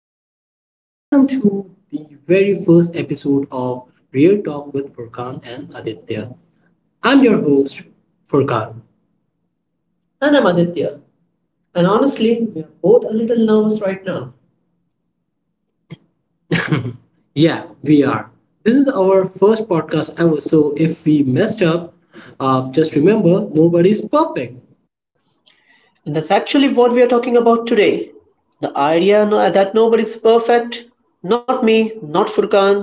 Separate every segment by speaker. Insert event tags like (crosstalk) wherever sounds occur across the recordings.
Speaker 1: welcome, welcome to the very first episode of Real Talk with Furkan and Aditya. I'm your host, Furkan.
Speaker 2: And
Speaker 1: And
Speaker 2: I'm
Speaker 1: I'm Aditya.
Speaker 2: Aditya. And
Speaker 1: And
Speaker 2: honestly,
Speaker 1: honestly,
Speaker 2: we
Speaker 1: we are
Speaker 2: are both
Speaker 1: both
Speaker 2: a
Speaker 1: a
Speaker 2: little
Speaker 1: little
Speaker 2: nervous
Speaker 1: nervous
Speaker 2: right
Speaker 1: right now.
Speaker 2: now.
Speaker 1: Yeah, we are. This is our first podcast ever, so if we messed up, just remember nobody's perfect.
Speaker 2: And that's actually what we are talking about today. The idea that nobody's perfect. Not me, not Furkan,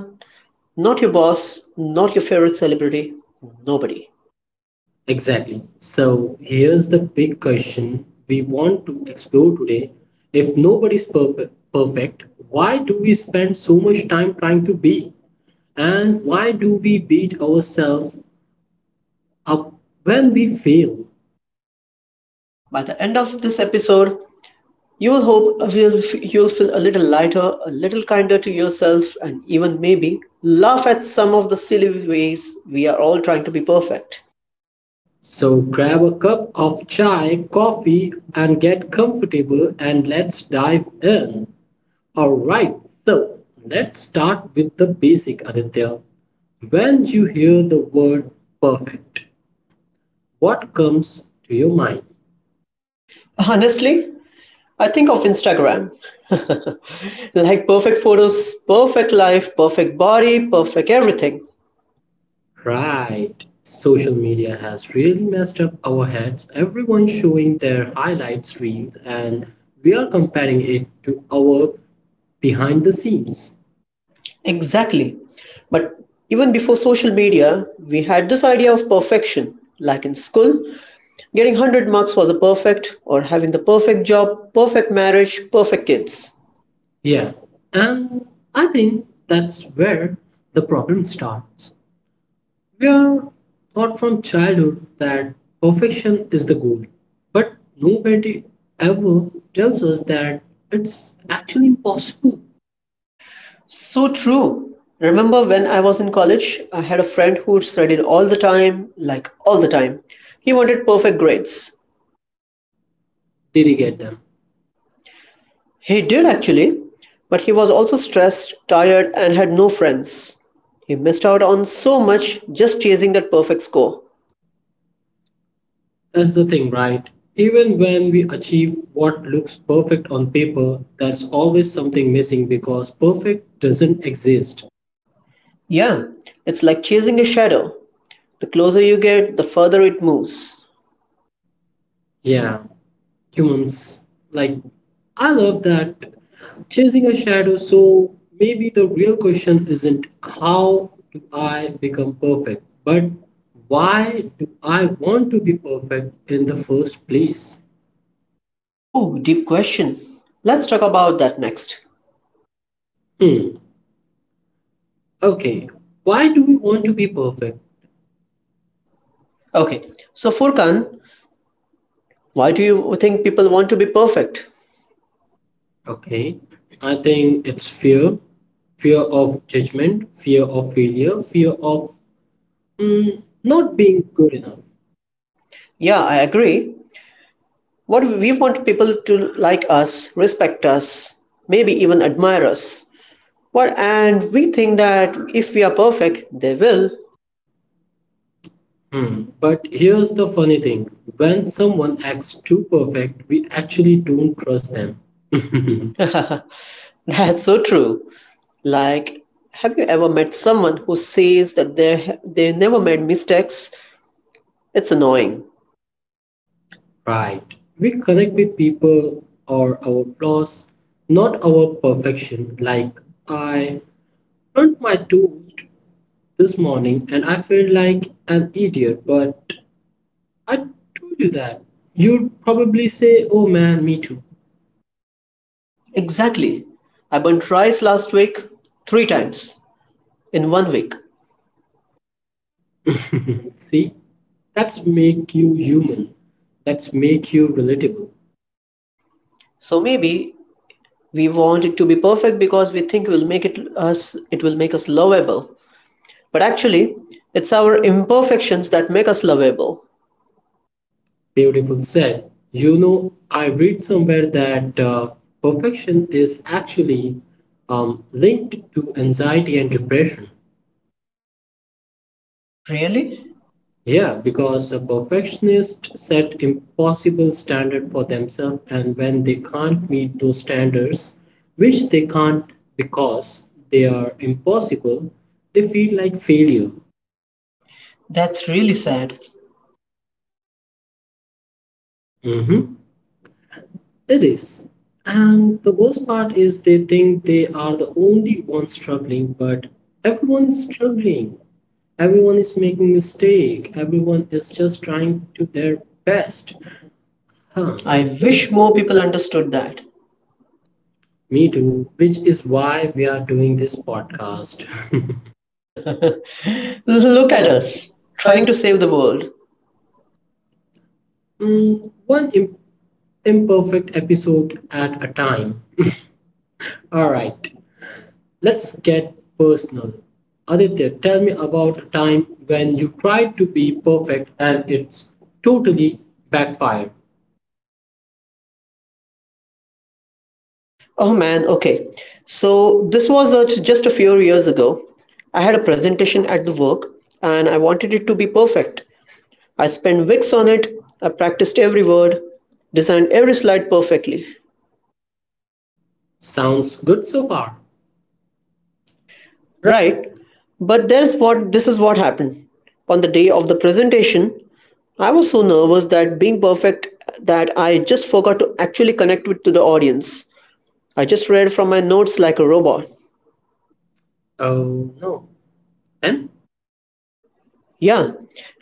Speaker 2: not your boss, not your favorite celebrity. Nobody.
Speaker 1: Exactly. So here's the big question we want to explore today. If nobody's per perfect, why do we spend so much time trying to be? And why do we beat ourselves up when we fail?
Speaker 2: By the end of this episode, you will hope you'll feel a little lighter, a little kinder to yourself, and even maybe laugh at some of the silly ways we are all trying to be perfect.
Speaker 1: So grab a cup of chai, coffee, and get comfortable and let's dive in. Alright, so let's start with the basic Aditya. When you hear the word perfect, what comes to your mind?
Speaker 2: Honestly, I think of Instagram. (laughs) Like perfect photos, perfect life, perfect body, perfect everything.
Speaker 1: Right. Social media has really messed up our heads. Everyone showing their highlights reels and we are comparing it to our behind the scenes.
Speaker 2: Exactly. But even before social media, we had this idea of perfection. Like in school, getting 100 marks was a perfect, or having the perfect job, perfect marriage, perfect kids.
Speaker 1: Yeah. And I think that's where the problem starts. We are taught from childhood that perfection is the goal. But nobody ever tells us that it's actually impossible.
Speaker 2: So true. Remember when I was in college, I had a friend who studied all the time, like all the time. He wanted perfect grades.
Speaker 1: Did you get them?
Speaker 2: He did actually, but he was also stressed, tired, and had no friends. He missed out on so much just chasing that perfect score.
Speaker 1: That's the thing, right? Even when we achieve what looks perfect on paper, there's always something missing because perfect doesn't exist.
Speaker 2: Yeah, it's like chasing a shadow. The closer you get, the further it moves.
Speaker 1: Yeah, humans. Like, I love that chasing a shadow. So maybe the real question isn't how do I become perfect, but why do I want to be perfect in the first place?
Speaker 2: Oh, deep question. Let's talk about that next.
Speaker 1: Hmm. Okay. Why do we want to be perfect?
Speaker 2: Okay, so Furkan, why do you think people want to be perfect?
Speaker 1: Okay, I think it's fear, fear of judgment, fear of failure, fear of not being good enough.
Speaker 2: Yeah, I agree. What we want people to like us, respect us, maybe even admire us. What and we think that if we are perfect, they will.
Speaker 1: Hmm. But here's the funny thing when someone acts too perfect, we actually don't trust them. (laughs)
Speaker 2: (laughs) That's so true. Like, have you ever met someone who says that they never made mistakes? It's annoying.
Speaker 1: Right. We connect with people or our flaws, not our perfection. Like, I burnt my toast this morning and I feel like an idiot, but I told you that. You'd probably say, oh man, me too.
Speaker 2: Exactly. I burnt rice last week three times in one week.
Speaker 1: (laughs) See, that's make you human. That's make you relatable.
Speaker 2: So maybe we want it to be perfect because we think will make it us it will make us lovable. But actually, it's our imperfections that make us lovable.
Speaker 1: Beautiful said. I read somewhere that perfection is actually linked to anxiety and depression.
Speaker 2: Really?
Speaker 1: Yeah, because a perfectionist set impossible standard for themselves and when they can't meet those standards, which they can't because they are impossible, they feel like failure.
Speaker 2: That's really sad.
Speaker 1: Mhm. It is. And the worst part is they think they are the only ones struggling, but everyone is struggling. Everyone is making mistake. Everyone is just trying to their best. Huh. I
Speaker 2: I
Speaker 1: wish
Speaker 2: wish
Speaker 1: more
Speaker 2: more
Speaker 1: people.
Speaker 2: people understood that.
Speaker 1: Me too, which is why we are doing this podcast. (laughs) Look
Speaker 2: Look
Speaker 1: at
Speaker 2: at
Speaker 1: us,
Speaker 2: us, trying
Speaker 1: trying
Speaker 2: to save the world.
Speaker 1: Mm, one im- imperfect episode at a time. All right, let's get personal. Aditya, tell me about a time when you tried to be perfect and it's totally backfired.
Speaker 2: Oh man, okay. So, this was just a few years ago. I had a presentation at the work and I wanted it to be perfect. I spent weeks on it, I practiced every word, designed every slide perfectly.
Speaker 1: Sounds good so far.
Speaker 2: Right? But there's what this is what happened. On the day of the presentation, I was so nervous that being perfect that I just forgot to actually connect with to the audience. I just read from my notes like a robot.
Speaker 1: Oh no. Then?
Speaker 2: Yeah.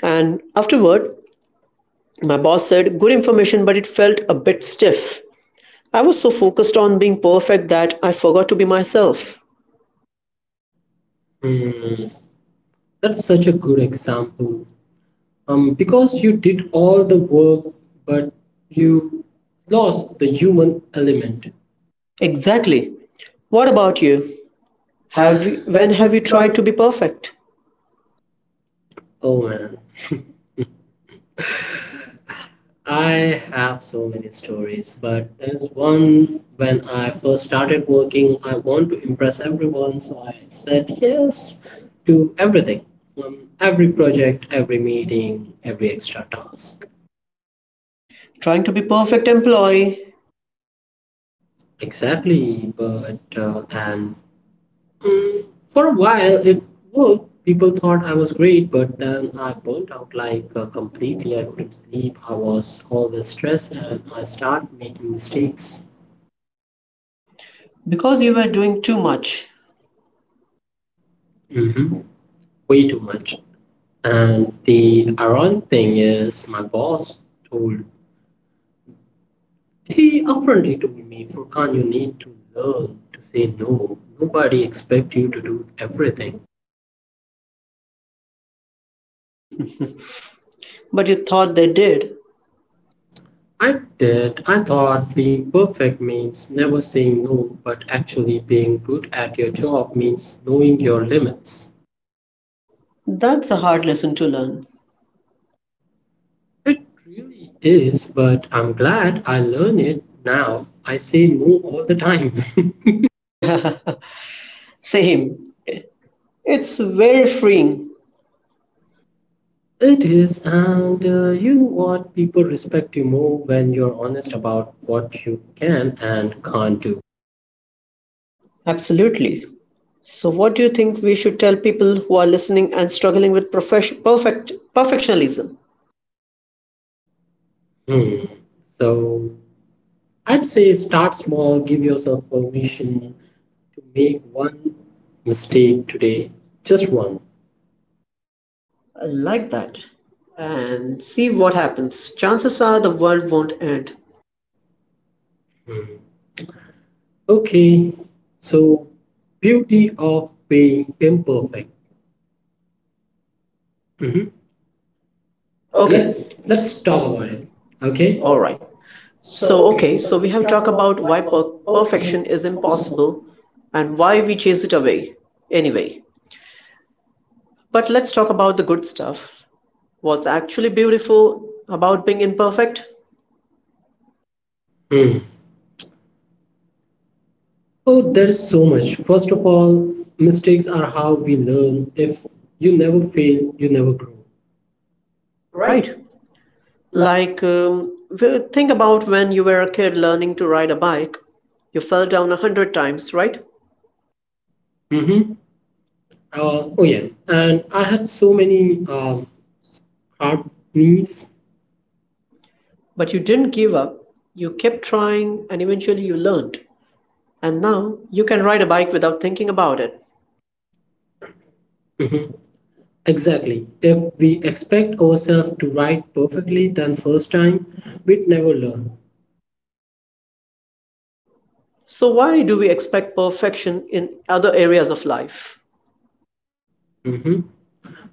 Speaker 2: And afterward, my boss said, "Good information, but it felt a bit stiff." I was so focused on being perfect that I forgot to be myself.
Speaker 1: Hmm, that's such a good example. Because you did all the work but you lost the human element.
Speaker 2: Exactly. What about you? Have you,
Speaker 1: Have, well,
Speaker 2: when have
Speaker 1: have
Speaker 2: you
Speaker 1: you
Speaker 2: tried
Speaker 1: tried
Speaker 2: to be perfect?
Speaker 1: Oh man. (laughs) I have so many stories, but there is one when I first started working, I want to impress everyone, so I said yes to everything. Every project, every meeting, every extra task.
Speaker 2: Trying to be perfect employee
Speaker 1: Exactly, but and Mm, for a while, it worked. People thought I was great, but then I burnt out, like completely. I couldn't sleep. I was always stressed, and I started making mistakes.
Speaker 2: because you were doing too much,
Speaker 1: Hmm. Way too much. And the ironic thing is, my boss told he upfrontly told me, Furkan, you need to learn to say no. Nobody expects you to do everything.
Speaker 2: but you thought they did.
Speaker 1: I did. I thought being perfect means never saying no, but actually being good at your job means knowing your limits.
Speaker 2: That's a hard lesson to
Speaker 1: It really is, but I'm glad I learned it now. I say no all the time. (laughs)
Speaker 2: learn. (laughs) Same. It's very freeing.
Speaker 1: It is, and you know what? People respect you more when you're honest about what you can and can't do.
Speaker 2: Absolutely. So, what do you think we should tell people who are listening and struggling with perfectionism?
Speaker 1: Hmm. So I'd say start small, give yourself permission, to make one mistake today, just one.
Speaker 2: I like that, and see what happens. Chances are the world won't end.
Speaker 1: Mm-hmm. Okay, so beauty of being imperfect. Mhm. Okay,
Speaker 2: Okay, Let's
Speaker 1: let's
Speaker 2: let's
Speaker 1: talk
Speaker 2: talk
Speaker 1: about
Speaker 2: about it.
Speaker 1: it.
Speaker 2: Okay.
Speaker 1: Okay,
Speaker 2: All
Speaker 1: all right.
Speaker 2: right. So,
Speaker 1: So, okay,
Speaker 2: okay, so
Speaker 1: so
Speaker 2: we
Speaker 1: we have
Speaker 2: have
Speaker 1: talked
Speaker 2: talked
Speaker 1: about
Speaker 2: about why
Speaker 1: perfection
Speaker 2: perfection
Speaker 1: is
Speaker 2: is
Speaker 1: impossible.
Speaker 2: impossible and why we chase it away anyway. But let's talk about the good stuff. What's actually beautiful about being imperfect?
Speaker 1: Hmm. Oh, there's so much. First of all, mistakes are how we learn. If you never fail, you never grow. Right.
Speaker 2: Right. Like, think about when you were a kid learning to ride a bike. You fell down 100 times, right?
Speaker 1: Mm-hmm. Oh yeah, and I had so many hard knees.
Speaker 2: But you didn't give up. You kept trying and eventually you learned. And now you can ride a bike without thinking about it.
Speaker 1: Mhm. Exactly. If we expect ourselves to write perfectly then first time, we'd never learn.
Speaker 2: So, why do we expect perfection in other areas of life?
Speaker 1: Mhm.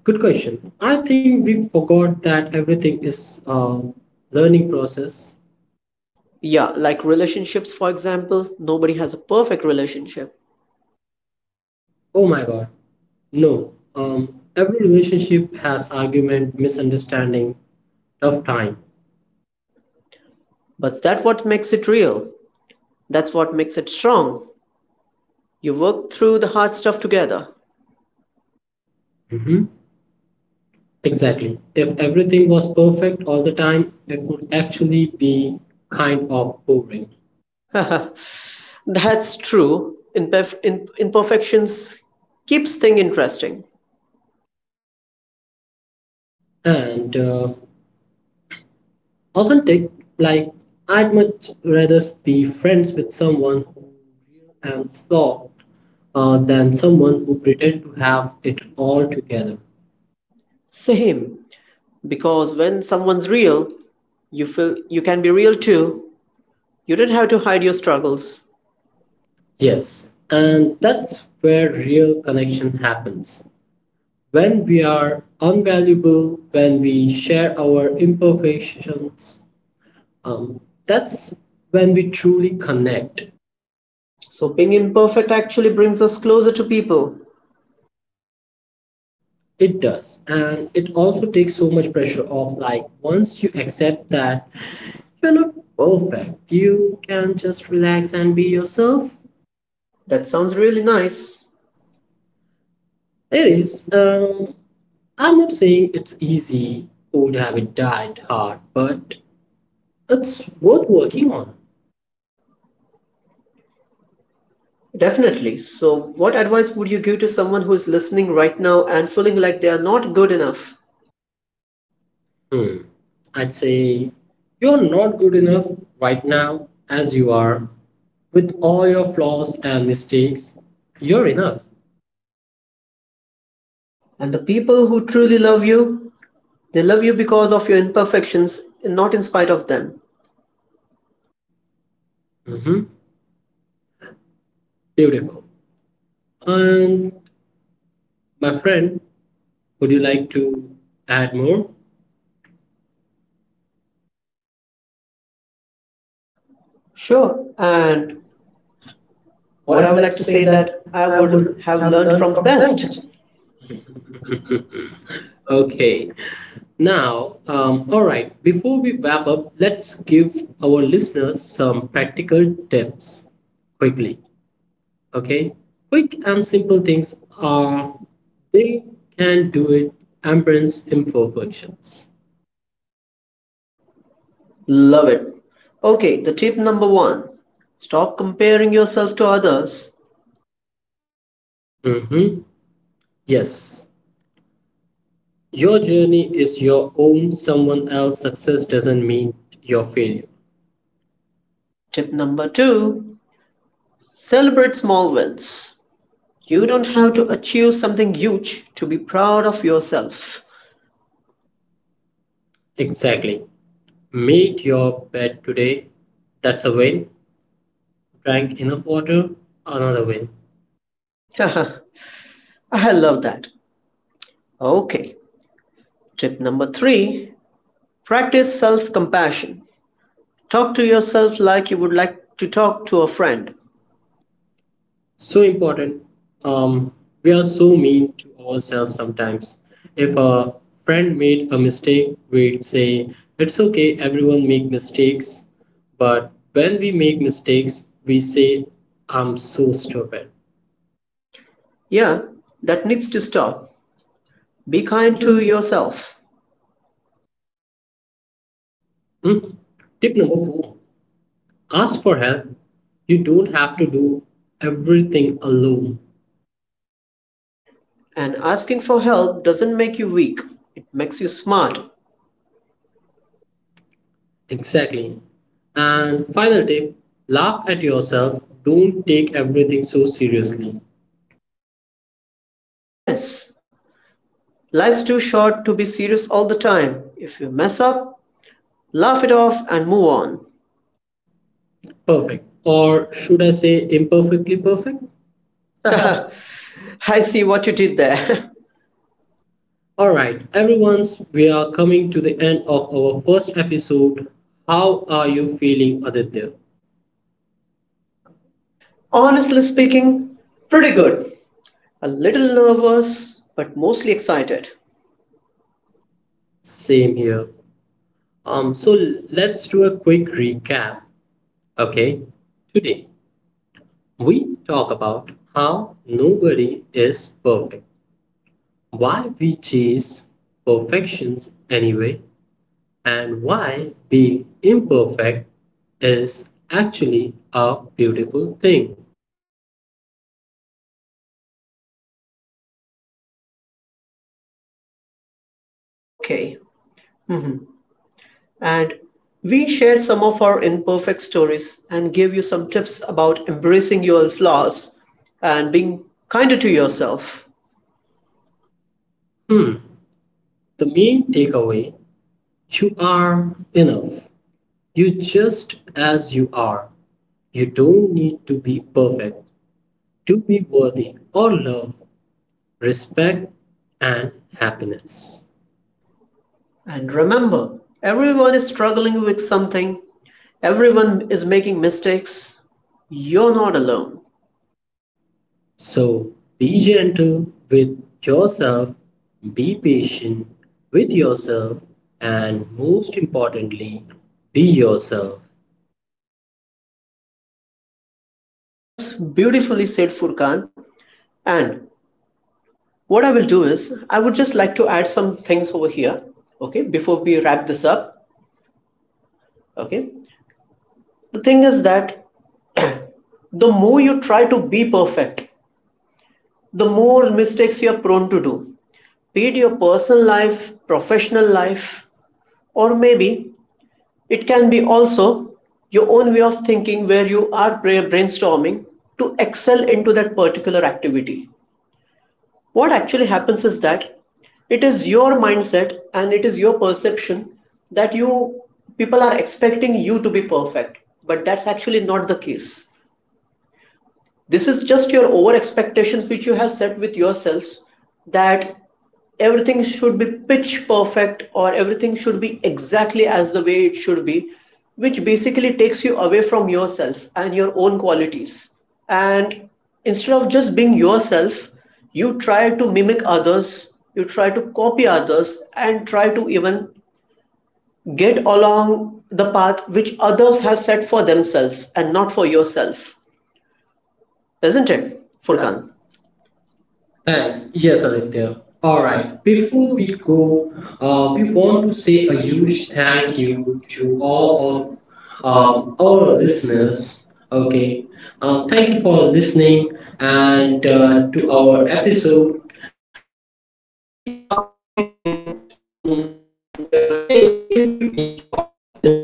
Speaker 1: Good question. I think we forgot that everything is a learning process.
Speaker 2: Yeah, like relationships, for example, nobody has a perfect relationship.
Speaker 1: Oh my God. No. Every relationship has argument, misunderstanding, tough time.
Speaker 2: But that's what makes it real. That's what makes it strong. You work through the hard stuff together.
Speaker 1: Mhm. Exactly. If everything was perfect all the time, it would actually be kind of boring.
Speaker 2: (laughs) That's true. Imperfections keeps thing interesting.
Speaker 1: And authentic, like I'd much rather be friends with someone who real and flawed, than someone who pretend to have it all together.
Speaker 2: Same, because when someone's real, you feel you can be real too. You don't have to hide your struggles.
Speaker 1: Yes, and that's where real connection happens, when we are unvaluable, when we share our imperfections, um, that's when we truly connect.
Speaker 2: So being imperfect actually brings us closer to people.
Speaker 1: It does, and it also takes so much pressure off. Like, once you accept that you're not perfect, you can just relax and be yourself.
Speaker 2: That sounds really nice.
Speaker 1: It is. I'm not saying it's easy. Old habit died hard, but it's worth working on.
Speaker 2: Definitely. So what advice would you give to someone who is listening right now and feeling like they are not good enough?
Speaker 1: Hmm. I'd say you're not good enough right now as you are. With all your flaws and mistakes, you're enough.
Speaker 2: And the people who truly love you, they love you because of your imperfections and not in spite of them.
Speaker 1: Hmm. Beautiful. And my friend, would you like to add more?
Speaker 2: Sure. And
Speaker 1: What
Speaker 2: what
Speaker 1: I
Speaker 2: I
Speaker 1: would
Speaker 2: would
Speaker 1: like
Speaker 2: like
Speaker 1: to
Speaker 2: to
Speaker 1: say
Speaker 2: say
Speaker 1: that
Speaker 2: that
Speaker 1: I
Speaker 2: I would
Speaker 1: would have
Speaker 2: have
Speaker 1: learned
Speaker 2: learned from
Speaker 1: from
Speaker 2: the
Speaker 1: best.
Speaker 2: best. Okay.
Speaker 1: Okay. Now, all right, before we wrap up, let's give our listeners some practical tips quickly. Okay. Quick and simple things are they can do it, embrace imperfections.
Speaker 2: Love it. Okay, the tip number one, stop comparing yourself to others.
Speaker 1: Mm-hmm. Yes. Your journey is your own, someone else's success doesn't mean your failure.
Speaker 2: Tip number two, celebrate small wins.
Speaker 1: You
Speaker 2: You
Speaker 1: don't
Speaker 2: don't
Speaker 1: have
Speaker 2: have to
Speaker 1: to.
Speaker 2: achieve something huge to be proud of yourself.
Speaker 1: Exactly. Made your bed today. That's a win. Drank enough water, another win.
Speaker 2: (laughs) I love that. Okay, tip number three, practice self compassion. Talk to yourself like you would like to talk to a friend.
Speaker 1: So important. Um, we are so mean to ourselves sometimes. If a friend made a mistake, we'd say, it's okay, everyone make mistakes. But when we make mistakes, we say, I'm so stupid.
Speaker 2: Yeah, that needs to stop. Be kind to yourself,
Speaker 1: Hmm. Tip number four, ask for help. You don't have to do everything alone.
Speaker 2: and asking for help doesn't make you weak, it makes you smart.
Speaker 1: Exactly. And final tip, laugh at yourself. Don't take everything so seriously.
Speaker 2: Yes, life's too short to be serious all the time. If you mess up, laugh it off and move on.
Speaker 1: Perfect. Or should I say imperfectly perfect? (laughs)
Speaker 2: (laughs)
Speaker 1: All
Speaker 2: I see what you did there.
Speaker 1: right, everyone's we are coming to the end of our first episode. How are you feeling, Aditya?
Speaker 2: (laughs) Okay,
Speaker 1: Honestly
Speaker 2: honestly
Speaker 1: speaking,
Speaker 2: speaking, pretty
Speaker 1: pretty good.
Speaker 2: good. A little nervous, but mostly excited.
Speaker 1: Same here. So let's do a quick recap. Okay, today we talk about how nobody is perfect. Why we chase perfections anyway, and why being imperfect is actually a beautiful thing.
Speaker 2: Okay, and we shared some of our imperfect stories and gave you some tips about embracing your flaws and being kinder to yourself.
Speaker 1: Hmm. The main takeaway, you are enough. You just as you are. You don't need to be perfect to be worthy or love, respect, and happiness.
Speaker 2: And remember, everyone is struggling with something, everyone is making mistakes. You're not alone.
Speaker 1: So be gentle with yourself, be patient with yourself, and most importantly, be yourself.
Speaker 2: That's beautifully said, Furkan. And what I will do is, I would just like to add some things over here, okay, before we wrap this up, okay. The thing is that the more you try to be perfect, the more mistakes you're prone to do, be it your personal life, professional life, or maybe it can be also your own way of thinking where you are brainstorming to excel into that particular activity. What actually happens is that it is your mindset and it is your perception that you people are expecting you to be perfect, but that's actually not the case. This is just your over expectations which you have set with yourselves that everything should be pitch perfect or everything should be exactly as the way it should be, which basically takes you away from yourself and your own qualities. And instead of just being yourself, you try to mimic others, you try to copy others, and try to even get along the path which others have set for themselves and not for yourself, isn't it,
Speaker 1: Okay.
Speaker 2: furkan?
Speaker 1: Thanks.
Speaker 2: Thanks.
Speaker 1: Yes,
Speaker 2: Yes,
Speaker 1: Aditya.
Speaker 2: Aditya.
Speaker 1: All
Speaker 2: All
Speaker 1: right.
Speaker 2: right.
Speaker 1: Before
Speaker 2: Before
Speaker 1: we
Speaker 2: we
Speaker 1: go,
Speaker 2: go,
Speaker 1: we
Speaker 2: we
Speaker 1: want
Speaker 2: want
Speaker 1: to
Speaker 2: to
Speaker 1: say
Speaker 2: say
Speaker 1: a
Speaker 2: a
Speaker 1: huge
Speaker 2: huge
Speaker 1: thank
Speaker 2: thank
Speaker 1: you
Speaker 2: you
Speaker 1: to
Speaker 2: to
Speaker 1: all
Speaker 2: all
Speaker 1: of
Speaker 2: of
Speaker 1: our
Speaker 2: our
Speaker 1: listeners.
Speaker 2: listeners.
Speaker 1: Okay.
Speaker 2: Okay.
Speaker 1: Thank
Speaker 2: Thank
Speaker 1: you
Speaker 2: you
Speaker 1: for
Speaker 2: for
Speaker 1: listening
Speaker 2: listening
Speaker 1: and
Speaker 2: and
Speaker 1: to
Speaker 2: to
Speaker 1: our
Speaker 2: our
Speaker 1: episode.
Speaker 2: episode.
Speaker 1: And
Speaker 2: And
Speaker 1: we
Speaker 2: we
Speaker 1: appreciate
Speaker 2: appreciate
Speaker 1: it,
Speaker 2: it.
Speaker 1: uh,
Speaker 2: And hey, if you enjoyed this,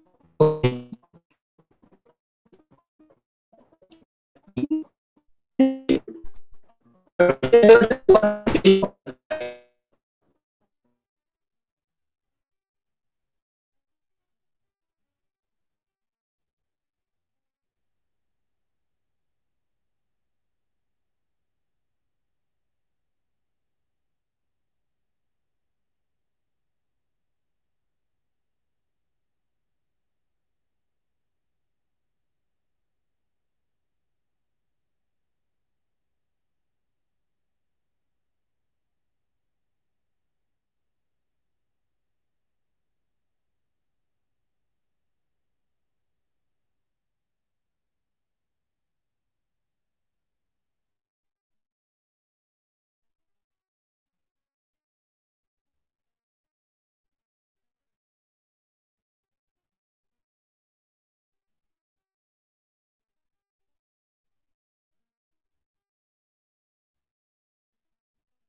Speaker 2: okay. I really enjoyed this conversation.